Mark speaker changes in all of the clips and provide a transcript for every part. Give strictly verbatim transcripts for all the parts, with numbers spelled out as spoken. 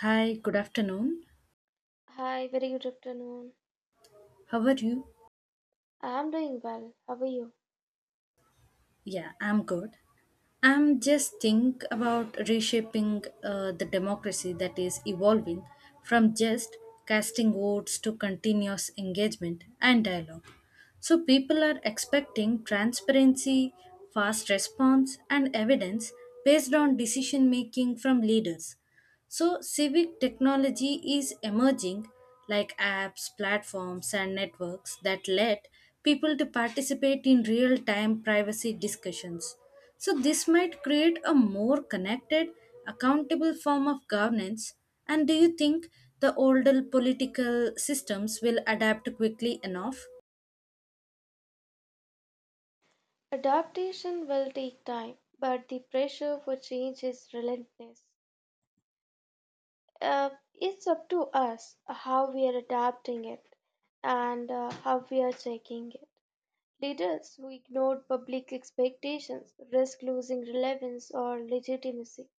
Speaker 1: Hi, good afternoon.
Speaker 2: Hi, very good afternoon.
Speaker 1: How are you?
Speaker 2: I am doing well. How are you?
Speaker 1: Yeah, I'm good. I'm just think about reshaping uh, the democracy that is evolving from just casting votes to continuous engagement and dialogue. So people are expecting transparency, fast response, and evidence based on decision making from leaders. So civic technology is emerging like apps, platforms, and networks that let people to participate in real time privacy discussions. So this might create a more connected, accountable form of governance. And do you think the older political systems will adapt quickly enough?
Speaker 2: Adaptation will take time, but the pressure for change is relentless. Uh, it's up to us how we are adapting it and uh, how we are checking it. Leaders who ignore public expectations risk losing relevance or legitimacy.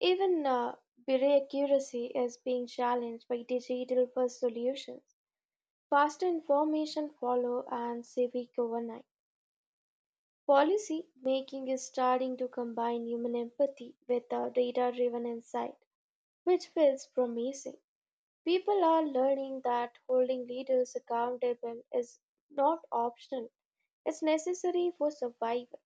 Speaker 2: Even uh, bureau accuracy is being challenged by digital first solutions. Faster information follow and civic overnight. Policy making is starting to combine human empathy with a data driven insight, which feels promising. People are learning that holding leaders accountable is not optional, it's necessary for survival.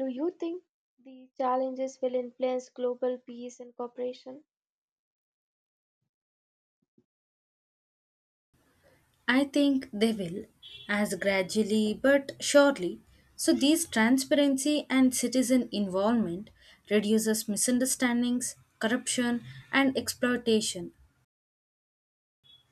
Speaker 2: Do you think the challenges will influence global peace and cooperation?
Speaker 1: I think they will, as gradually but surely. So, these transparency and citizen involvement reduces misunderstandings, corruption, and exploitation,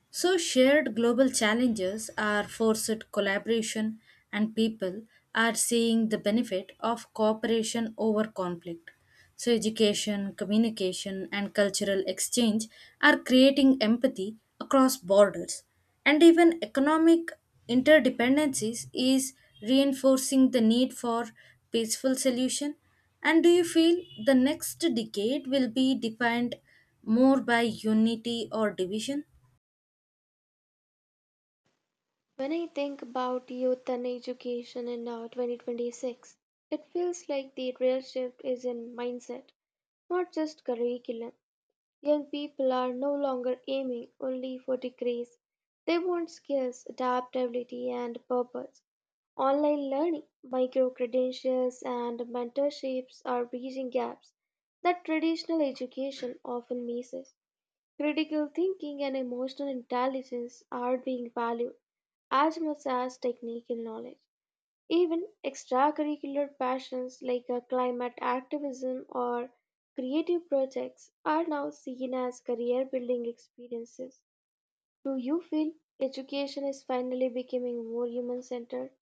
Speaker 1: so, shared global challenges are forced collaboration, and people are seeing the benefit of cooperation over conflict. So, education, communication, and cultural exchange are creating empathy across borders, and even economic interdependencies is reinforcing the need for peaceful solution. And do you feel the next decade will be defined more by unity or division?
Speaker 2: When I think about youth and education in uh, twenty twenty-six, it feels like the real shift is in mindset, not just curriculum. Young people are no longer aiming only for degrees. They want skills, adaptability, and purpose. Online learning, micro credentials, and mentorships are bridging gaps that traditional education often misses. Critical thinking and emotional intelligence are being valued as much as technical knowledge. Even extracurricular passions like uh, climate activism or creative projects are now seen as career building experiences. Do you feel education is finally becoming more human centered?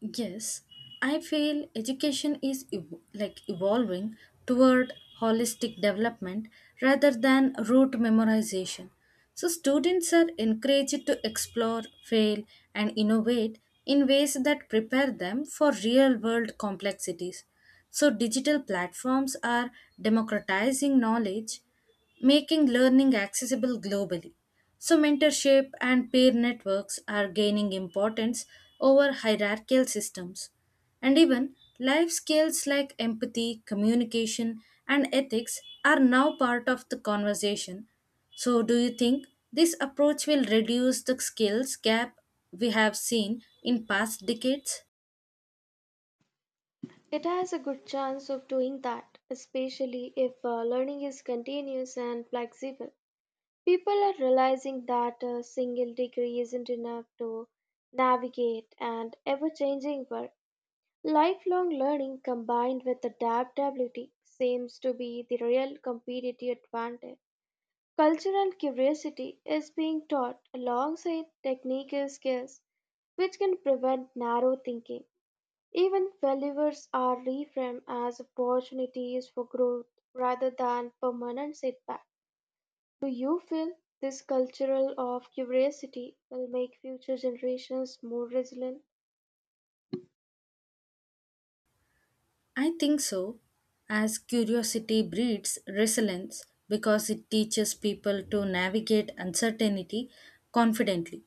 Speaker 1: Yes, I feel education is ev- like evolving toward holistic development rather than rote memorization. So, students are encouraged to explore, fail, and innovate in ways that prepare them for real world complexities. So, digital platforms are democratizing knowledge making learning accessible globally. So, mentorship and peer networks are gaining importance over hierarchical systems. And even life skills like empathy, communication, and ethics are now part of the conversation. So, do you think this approach will reduce the skills gap we have seen in past decades?
Speaker 2: It has a good chance of doing that, especially if uh, learning is continuous and flexible. People are realizing that a single degree isn't enough to navigate an ever changing world. Lifelong learning combined with adaptability seems to be the real competitive advantage. Cultural curiosity is being taught alongside technical skills, which can prevent narrow thinking. Even failures are reframed as opportunities for growth rather than permanent setbacks. Do you feel this cultural of curiosity will make future generations more resilient?
Speaker 1: I think so, as curiosity breeds resilience because it teaches people to navigate uncertainty confidently.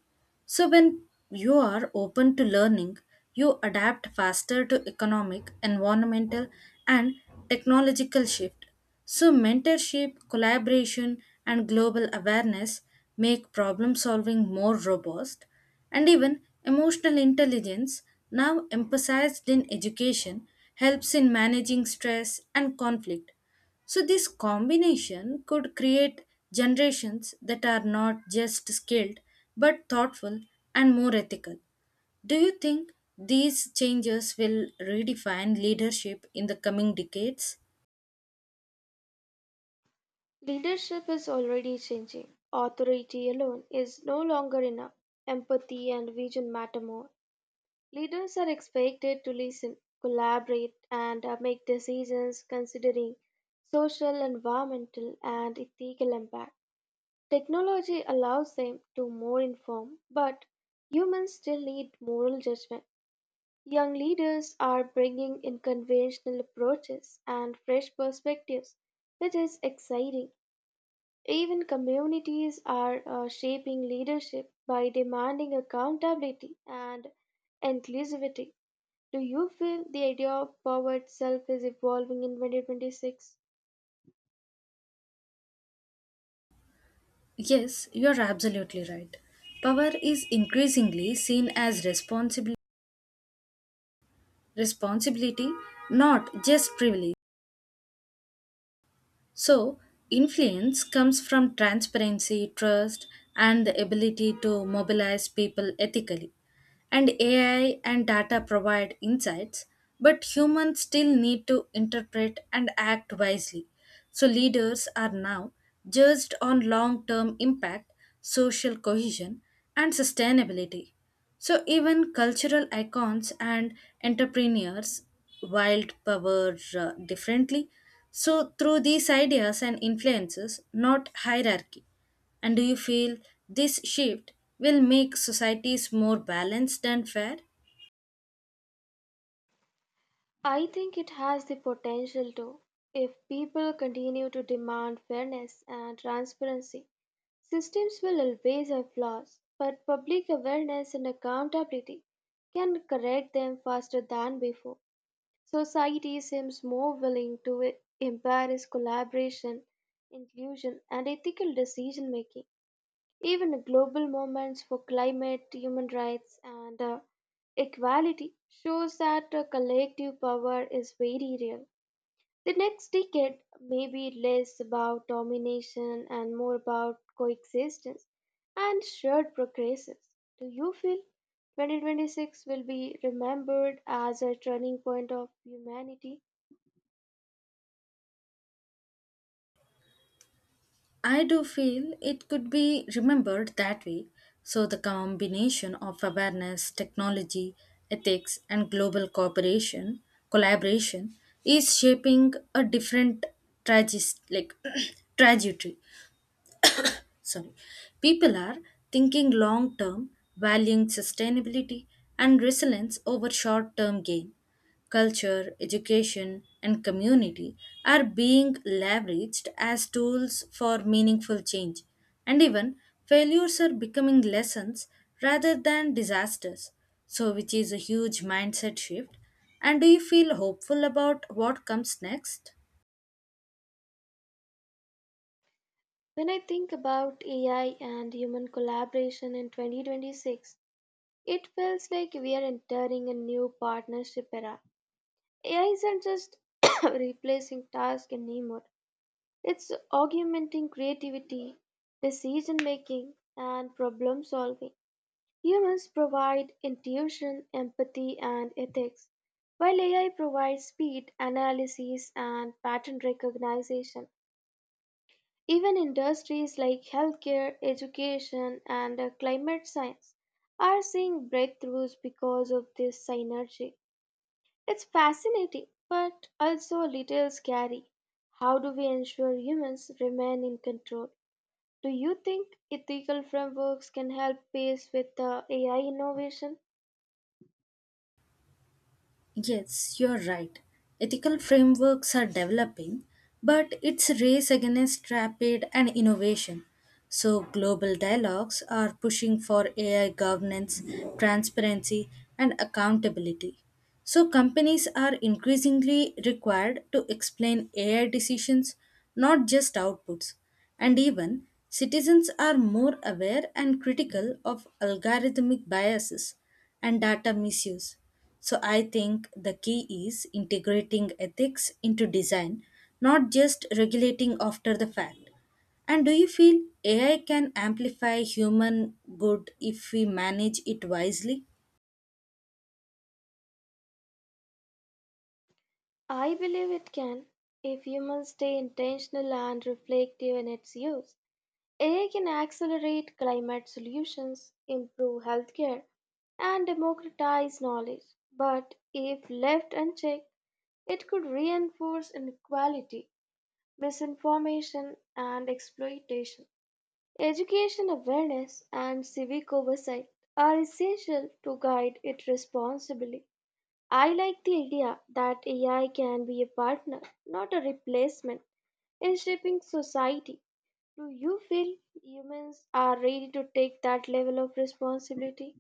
Speaker 1: So, when you are open to learning, you adapt faster to economic, environmental, and technological shift so, mentorship, collaboration, and global awareness make problem solving more robust, and even emotional intelligence, now emphasized in education, helps in managing stress and conflict. So, this combination could create generations that are not just skilled but thoughtful and more ethical. Do you think these changes will redefine leadership in the coming decades?
Speaker 2: Leadership is already changing. Authority alone is no longer enough. Empathy and vision matter more. Leaders are expected to listen, collaborate, and uh, make decisions considering social, environmental, and ethical impact. Technology allows them to more inform, but humans still need moral judgment. Young leaders are bringing in conventional approaches and fresh perspectives, which is exciting. Even communities are uh, shaping leadership by demanding accountability and inclusivity. Do you feel the idea of power itself is evolving in twenty twenty-six?
Speaker 1: Yes, you are absolutely right. Power is increasingly seen as responsibil- responsibility, not just privilege. So, influence comes from transparency, trust, and the ability to mobilize people ethically. And A I and data provide insights, but humans still need to interpret and act wisely. So, leaders are now judged on long term impact social cohesion, and sustainability. So, even cultural icons and entrepreneurs wield power uh, differently. So, through these ideas and influences, not hierarchy. And do you feel this shift will make societies more balanced and fair?
Speaker 2: I think it has the potential to. If people continue to demand fairness and transparency, systems will always have flaws, but public awareness and accountability can correct them faster than before. Society seems more willing to e- embrace collaboration, inclusion, and ethical decision making. Even global movements for climate, human rights, and uh, equality shows that uh, collective power is very real. The next decade may be less about domination and more about coexistence and shared progresses. Do you feel two thousand twenty-six will be remembered as a turning point of humanity?
Speaker 1: I do feel it could be remembered that way. So, the combination of awareness, technology, ethics, and global cooperation, collaboration is shaping a different tragis- like, trajectory sorry, people are thinking long term, valuing sustainability and resilience over short term gain. Culture, education, and community are being leveraged as tools for meaningful change, and even failures are becoming lessons rather than disasters. So, which is a huge mindset shift. And do you feel hopeful about what comes next?
Speaker 2: When I think about A I and human collaboration in twenty twenty-six, it feels like we are entering a new partnership era. A I isn't just replacing tasks anymore, it's augmenting creativity, decision making, and problem solving. Humans provide intuition, empathy, and ethics, while A I provides speed, analysis, and pattern recognition. Even industries like healthcare, education, and uh, climate science are seeing breakthroughs because of this synergy. It's fascinating, but also a little scary. How do we ensure humans remain in control? Do you think ethical frameworks can help pace with the A I innovation?
Speaker 1: Yes, you're right. Ethical frameworks are developing, but it's a race against rapid and innovation. So, global dialogues are pushing for A I governance, transparency, and accountability. So, companies are increasingly required to explain A I decisions, not just outputs. And even citizens are more aware and critical of algorithmic biases and data misuse. So I think the key is integrating ethics into design, not just regulating after the fact. And do you feel A I can amplify human good if we manage it wisely?
Speaker 2: I believe it can if humans stay intentional and reflective in its use. A I can accelerate climate solutions, improve healthcare, and democratize knowledge. But if left unchecked, it could reinforce inequality, misinformation, and exploitation. Education awareness and civic oversight are essential to guide it responsibly. I like the idea that A I can be a partner, not a replacement, in shaping society. Do you feel humans are ready to take that level of responsibility?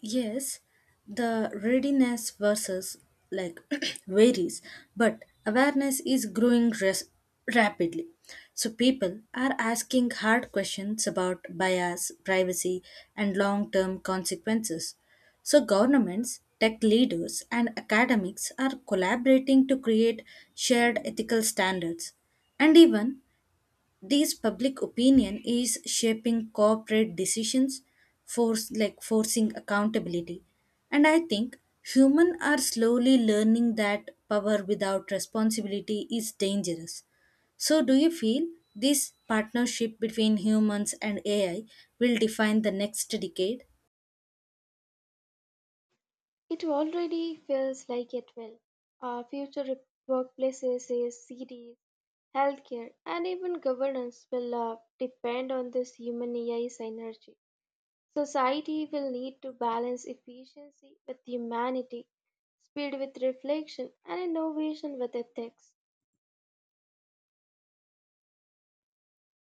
Speaker 1: Yes, the readiness versus like varies, but awareness is growing res- rapidly. So people are asking hard questions about bias, privacy, and long-term consequences. So governments, tech leaders, and academics are collaborating to create shared ethical standards. And even this public opinion is shaping corporate decisions, force like forcing accountability. And I think humans are slowly learning that power without responsibility is dangerous. So, do you feel this partnership between humans and A I will define the next decade?
Speaker 2: It already feels like it will. Our future re- workplaces, is cities, healthcare, and even governance will uh, depend on this human A I synergy. Society will need to balance efficiency with humanity, speed with reflection, and innovation with ethics.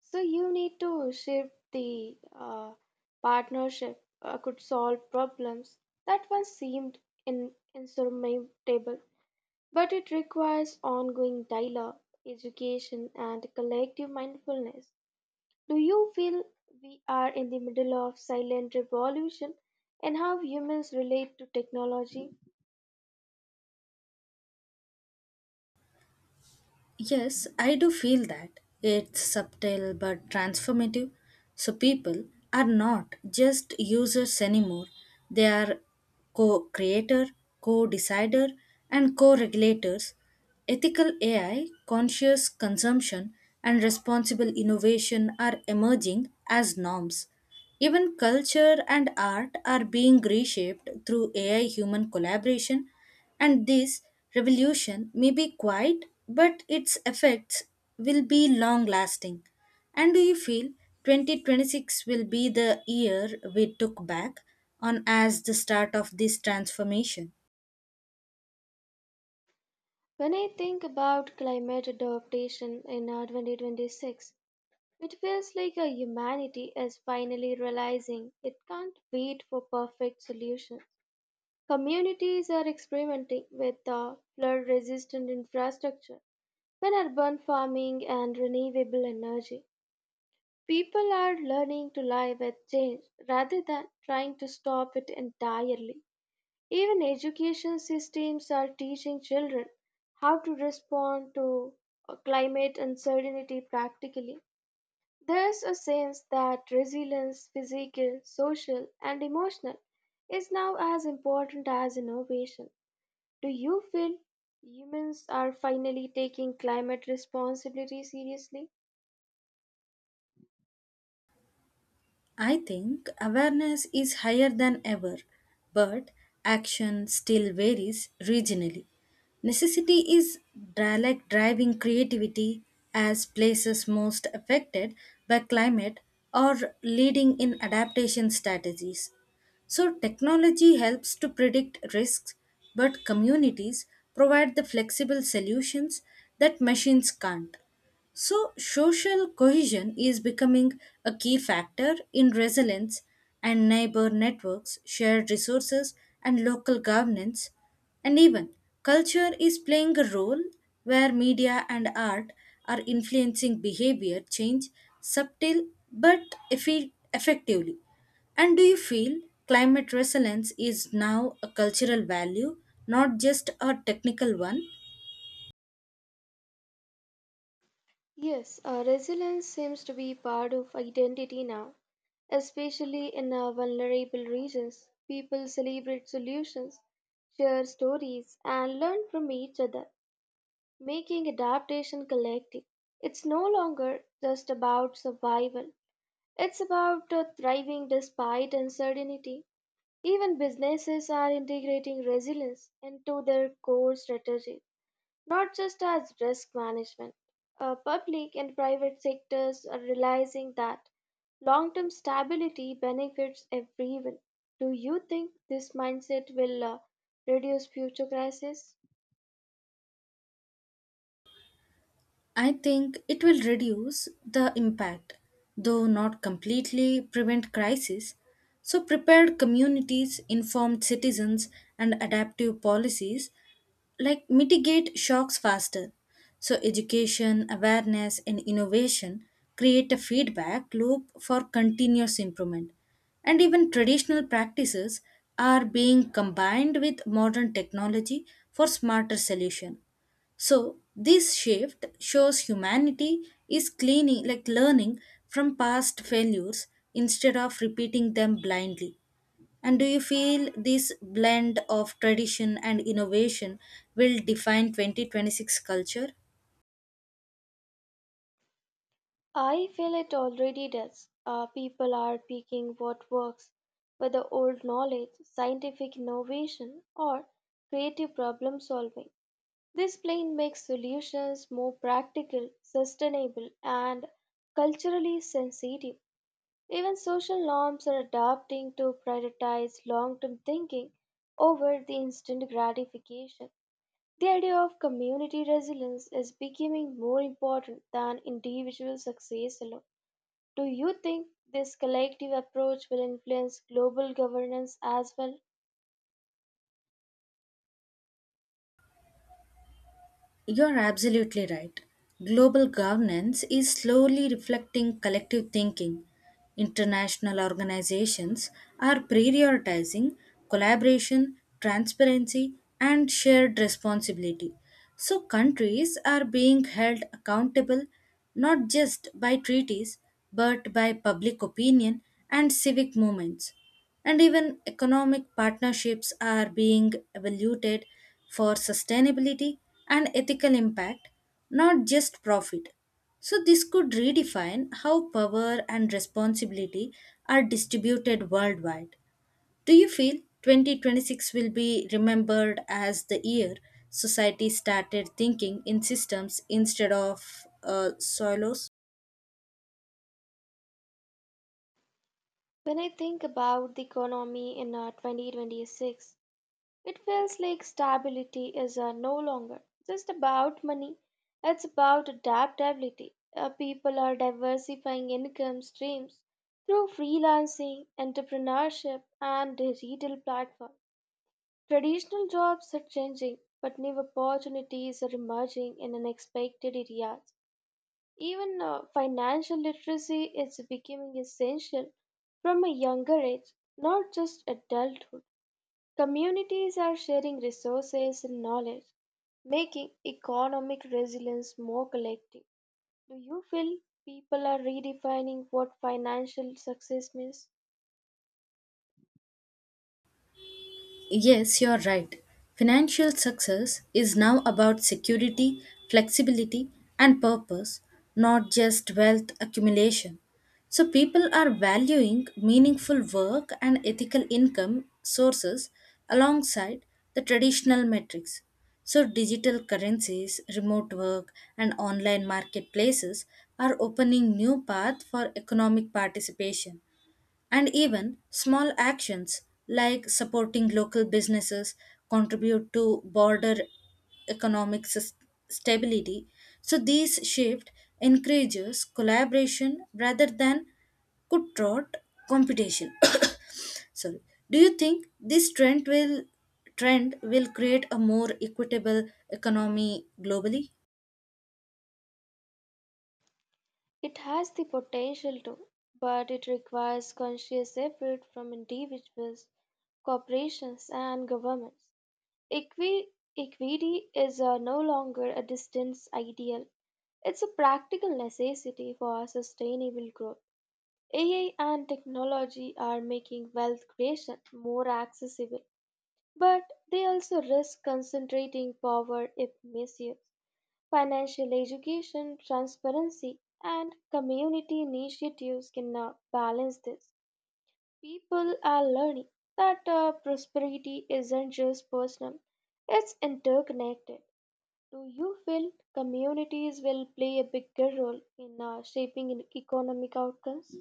Speaker 2: So you need to shift the uh, partnership uh, could solve problems that once seemed in, insurmountable, but it requires ongoing dialogue, education, and collective mindfulness. Do you feel we are in the middle of silent revolution in how humans relate to technology?
Speaker 1: Yes, I do feel that. It's subtle but transformative. So people are not just users anymore. They are co-creator, co-decider and co-regulators. Ethical A I, conscious consumption and responsible innovation are emerging as norms. Even culture and art are being reshaped through A I human collaboration and this revolution may be quiet, but its effects will be long lasting. And do you feel twenty twenty-six will be the year we took back on as the start of this transformation?
Speaker 2: When I think about climate adaptation in uh, twenty twenty-six, it feels like uh, humanity is finally realizing it can't wait for perfect solutions. Communities are experimenting with uh, flood resistant infrastructure and urban farming and renewable energy. People are learning to live with change rather than trying to stop it entirely. Even education systems are teaching children how to respond to uh, climate uncertainty practically. There's a sense that resilience, physical, social, and emotional, is now as important as innovation. Do you feel humans are finally taking climate responsibility seriously?
Speaker 1: I think awareness is higher than ever, but action still varies regionally. Necessity is dri- like driving creativity as places most affected by climate or leading in adaptation strategies. So, technology helps to predict risks, but communities provide the flexible solutions that machines can't. So, social cohesion is becoming a key factor in resilience, and neighbor networks, shared resources, and local governance, and even culture is playing a role where media and art are influencing behavior change subtle but effi- effectively. And do you feel climate resilience is now a cultural value, not just a technical one?
Speaker 2: Yes, uh, resilience seems to be part of identity now, especially in our vulnerable regions. People celebrate solutions, share stories, and learn from each other, making adaptation collective. It's no longer just about survival, it's about uh, thriving despite uncertainty. Even businesses are integrating resilience into their core strategies not just as risk management. Uh, public and private sectors are realizing that long term stability benefits everyone. Do you think this mindset will uh, reduce future crises?
Speaker 1: I think it will reduce the impact, though not completely prevent crisis. So, prepared communities, informed citizens, and adaptive policies like mitigate shocks faster. So, education, awareness, and innovation create a feedback loop for continuous improvement. And even traditional practices are being combined with modern technology for smarter solution. So this shift shows humanity is cleaning like learning from past failures instead of repeating them blindly. And do you feel this blend of tradition and innovation will define twenty twenty-six culture?
Speaker 2: I feel it already does. Uh, people are picking what works, whether old knowledge, scientific innovation, or creative problem solving. This plan makes solutions more practical, sustainable, and culturally sensitive. Even social norms are adapting to prioritize long term thinking over the instant gratification. The idea of community resilience is becoming more important than individual success alone. Do you think this collective approach will influence global governance as well?
Speaker 1: You're absolutely right. Global governance is slowly reflecting collective thinking. International organizations are prioritizing collaboration, transparency, and shared responsibility. So, countries are being held accountable not just by treaties but by public opinion and civic movements and even economic partnerships are being evaluated for sustainability and ethical impact, not just profit. So, this could redefine how power and responsibility are distributed worldwide. Do you feel twenty twenty-six will be remembered as the year society started thinking in systems instead of uh, silos?
Speaker 2: When I think about the economy in uh, twenty twenty-six, it feels like stability is uh, no longer just about money, it's about adaptability. Uh, people are diversifying income streams through freelancing, entrepreneurship, and digital platforms. Traditional jobs are changing, but new opportunities are emerging in unexpected areas. Even uh, financial literacy is becoming essential from a younger age, not just adulthood. Communities are sharing resources and knowledge, making economic resilience more collective. Do you feel people are redefining what financial success means?
Speaker 1: Yes, you're right. Financial success is now about security, flexibility, and purpose, not just wealth accumulation. So, people are valuing meaningful work and ethical income sources alongside the traditional metrics. So, digital currencies, remote work, and online marketplaces are opening new paths for economic participation. And even small actions like supporting local businesses contribute to border economic sus- stability. So these shift encourages collaboration rather than cutthroat competition. Sorry. Do you think this trend will trend will create a more equitable economy globally?
Speaker 2: It has the potential to, but it requires conscious effort from individuals, corporations, and governments. Equi- Equity is uh, no longer a distant ideal, it's a practical necessity for sustainable growth. A I and technology are making wealth creation more accessible, but they also risk concentrating power if misused. Financial education, transparency, and community initiatives cannot balance this. People are learning that uh, prosperity isn't just personal, it's interconnected. Do you feel communities will play a bigger role in uh, shaping economic outcomes?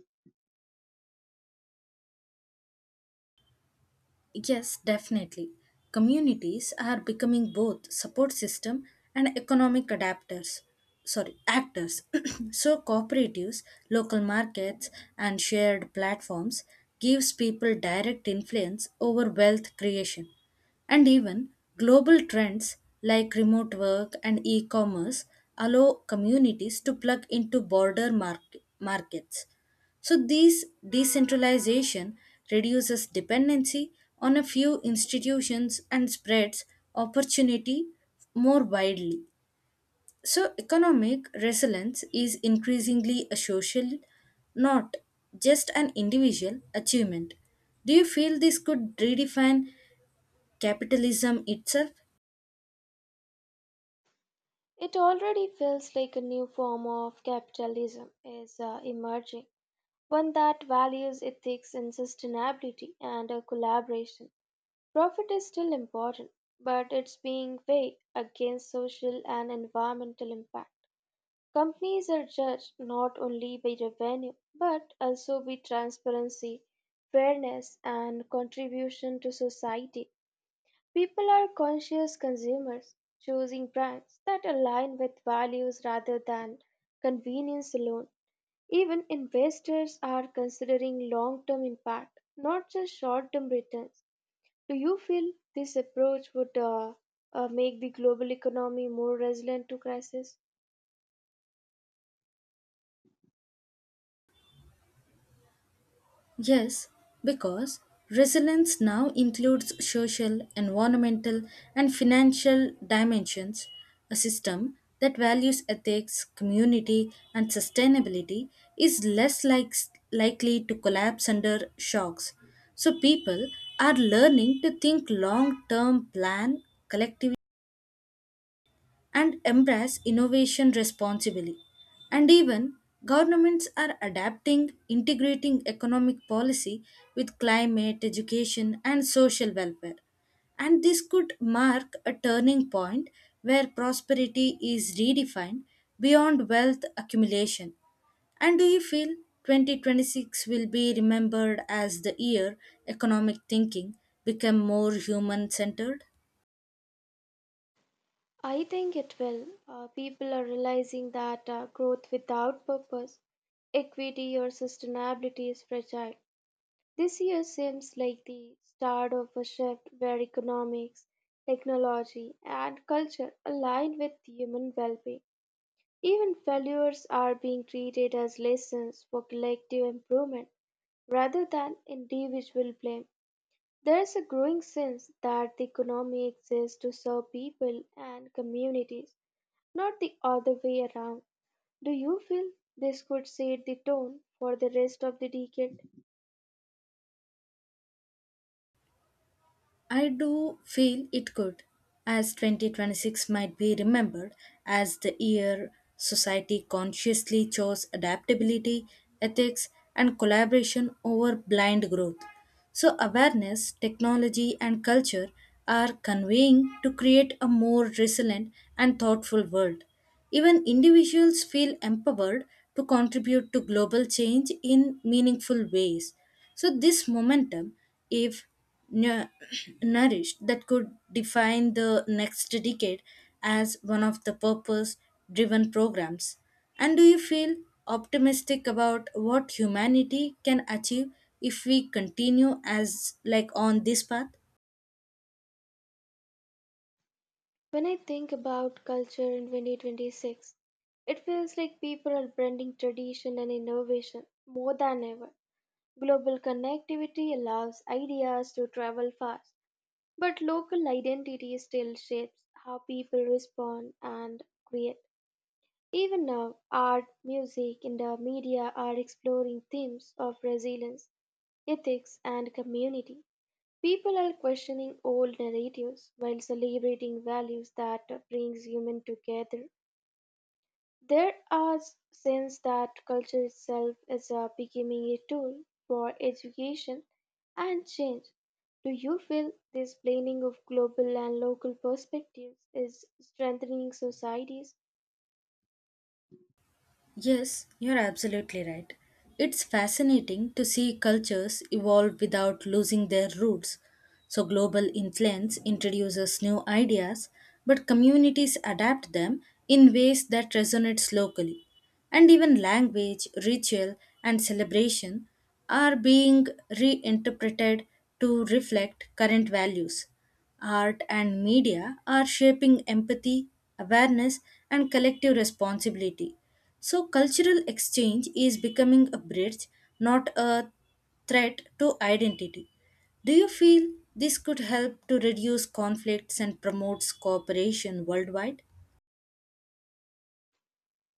Speaker 1: Yes, definitely. Communities are becoming both support system and economic adapters. Sorry, actors. so cooperatives, local markets and shared platforms gives people direct influence over wealth creation. And even global trends like remote work and e-commerce allow communities to plug into border mark- markets. So these decentralization reduces dependency on a few institutions and spreads opportunity more widely. So economic resilience is increasingly a social, not just an individual achievement. Do you feel this could redefine capitalism itself?
Speaker 2: It already feels like a new form of capitalism is uh, emerging, one that values ethics and sustainability and uh, collaboration. Profit is still important, but it's being weighed against social and environmental impact. Companies are judged not only by revenue, but also by transparency, fairness, and contribution to society. People are conscious consumers, choosing brands that align with values rather than convenience alone. Even investors are considering long term impact, not just short term returns. Do you feel this approach would uh, uh, make the global economy more resilient to crisis?
Speaker 1: Yes, because resilience now includes social, environmental, and financial dimensions, a system that values ethics, community, and sustainability is less like, likely to collapse under shocks. So people are learning to think long-term plan collectively and embrace innovation responsibly. And even governments are adapting, integrating economic policy with climate, education, and social welfare. And this could mark a turning point where prosperity is redefined beyond wealth accumulation. And do you feel twenty twenty-six will be remembered as the year economic thinking became more human centered?
Speaker 2: I think it will. Uh, people are realizing that uh, growth without purpose, equity, or sustainability is fragile. This year seems like the start of a shift where economics, technology, and culture align with human well being. Even failures are being treated as lessons for collective improvement rather than individual blame. There is a growing sense that the economy exists to serve people and communities, not the other way around. Do you feel this could set the tone for the rest of the decade?
Speaker 1: I do feel it could, as twenty twenty-six might be remembered as the year society consciously chose adaptability, ethics, and collaboration over blind growth. So, awareness, technology, and culture are conveying to create a more resilient and thoughtful world. Even individuals feel empowered to contribute to global change in meaningful ways. So, this momentum, if nu- nourished, that could define the next decade as one of the purpose driven programs. And do you feel optimistic about what humanity can achieve if we continue as like on this path?
Speaker 2: When I think about culture in twenty twenty-six, it feels like people are blending tradition and innovation more than ever. Global connectivity allows ideas to travel fast, but local identity still shapes how people respond and create. Even now, art, music, and the media are exploring themes of resilience, ethics, and community. People are questioning old narratives while celebrating values that brings humans together. There are sense that culture itself is uh, becoming a tool for education and change. Do you feel this blending of global and local perspectives is strengthening societies?
Speaker 1: Yes, you're absolutely right. It's fascinating to see cultures evolve without losing their roots. So, global influence introduces new ideas, but communities adapt them in ways that resonates locally. And even language, ritual, and celebration are being reinterpreted to reflect current values. Art and media are shaping empathy, awareness, and collective responsibility. So, cultural exchange is becoming a bridge, not a threat to identity. Do you feel this could help to reduce conflicts and promotes cooperation worldwide?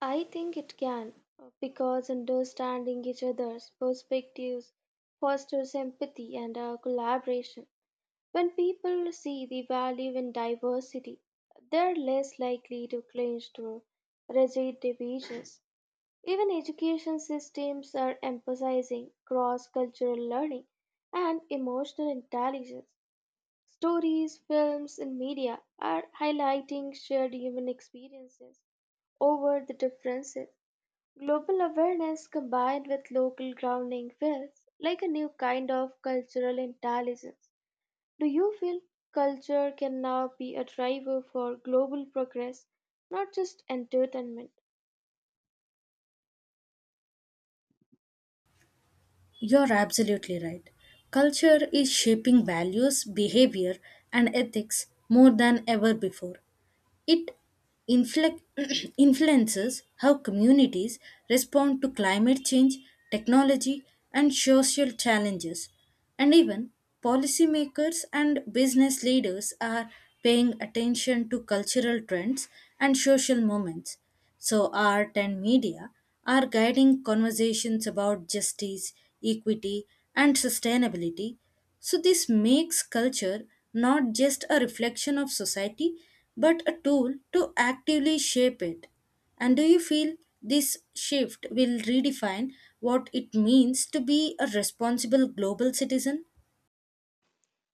Speaker 2: I think it can, uh, because understanding each other's perspectives fosters empathy and uh, collaboration. When people see the value in diversity, they're less likely to cling to rigid divisions. Even education systems are emphasizing cross cultural learning and emotional intelligence. Stories, films, and media are highlighting shared human experiences over the differences. Global awareness combined with local grounding feels like a new kind of cultural intelligence. Do you feel culture can now be a driver for global progress, not just entertainment?
Speaker 1: You're absolutely right. Culture is shaping values, behavior, and ethics more than ever before. It inflec- influences how communities respond to climate change, technology, and social challenges. And even policymakers and business leaders are paying attention to cultural trends and social movements. So, art and media are guiding conversations about justice, equity, and sustainability so, this makes culture not just a reflection of society, but a tool to actively shape it. And do you feel this shift will redefine what it means to be a responsible global citizen?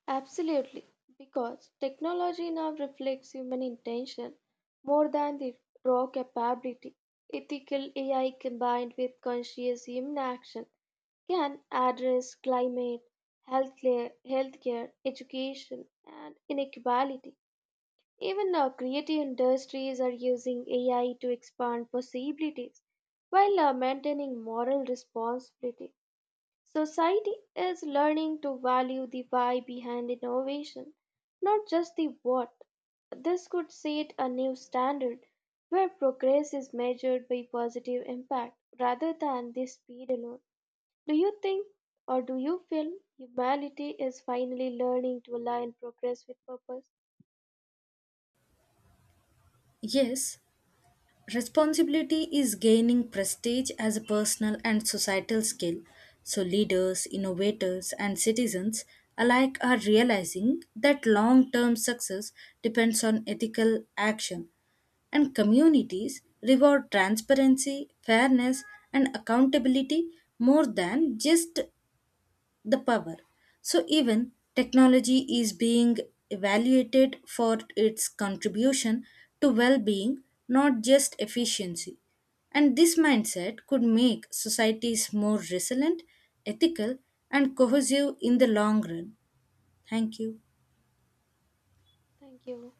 Speaker 2: Absolutely, because technology now reflects human intention more than the raw capability. Ethical A I combined with conscious human action can address climate, healthcare, healthcare education, and inequality. Even uh, creative industries are using A I to expand possibilities while uh, maintaining moral responsibility. Society is learning to value the why behind innovation, not just the what. This could set a new standard where progress is measured by positive impact rather than the speed alone. Do you think or do you feel humanity is finally learning to align progress with purpose?
Speaker 1: Yes, responsibility is gaining prestige as a personal and societal skill. So, leaders, innovators, and citizens alike are realizing that long term success depends on ethical action and communities reward transparency, fairness, and accountability more than just the power. So, even technology is being evaluated for its contribution to well being, not just efficiency. And this mindset could make societies more resilient, ethical, and cohesive in the long run. Thank you.
Speaker 2: Thank you.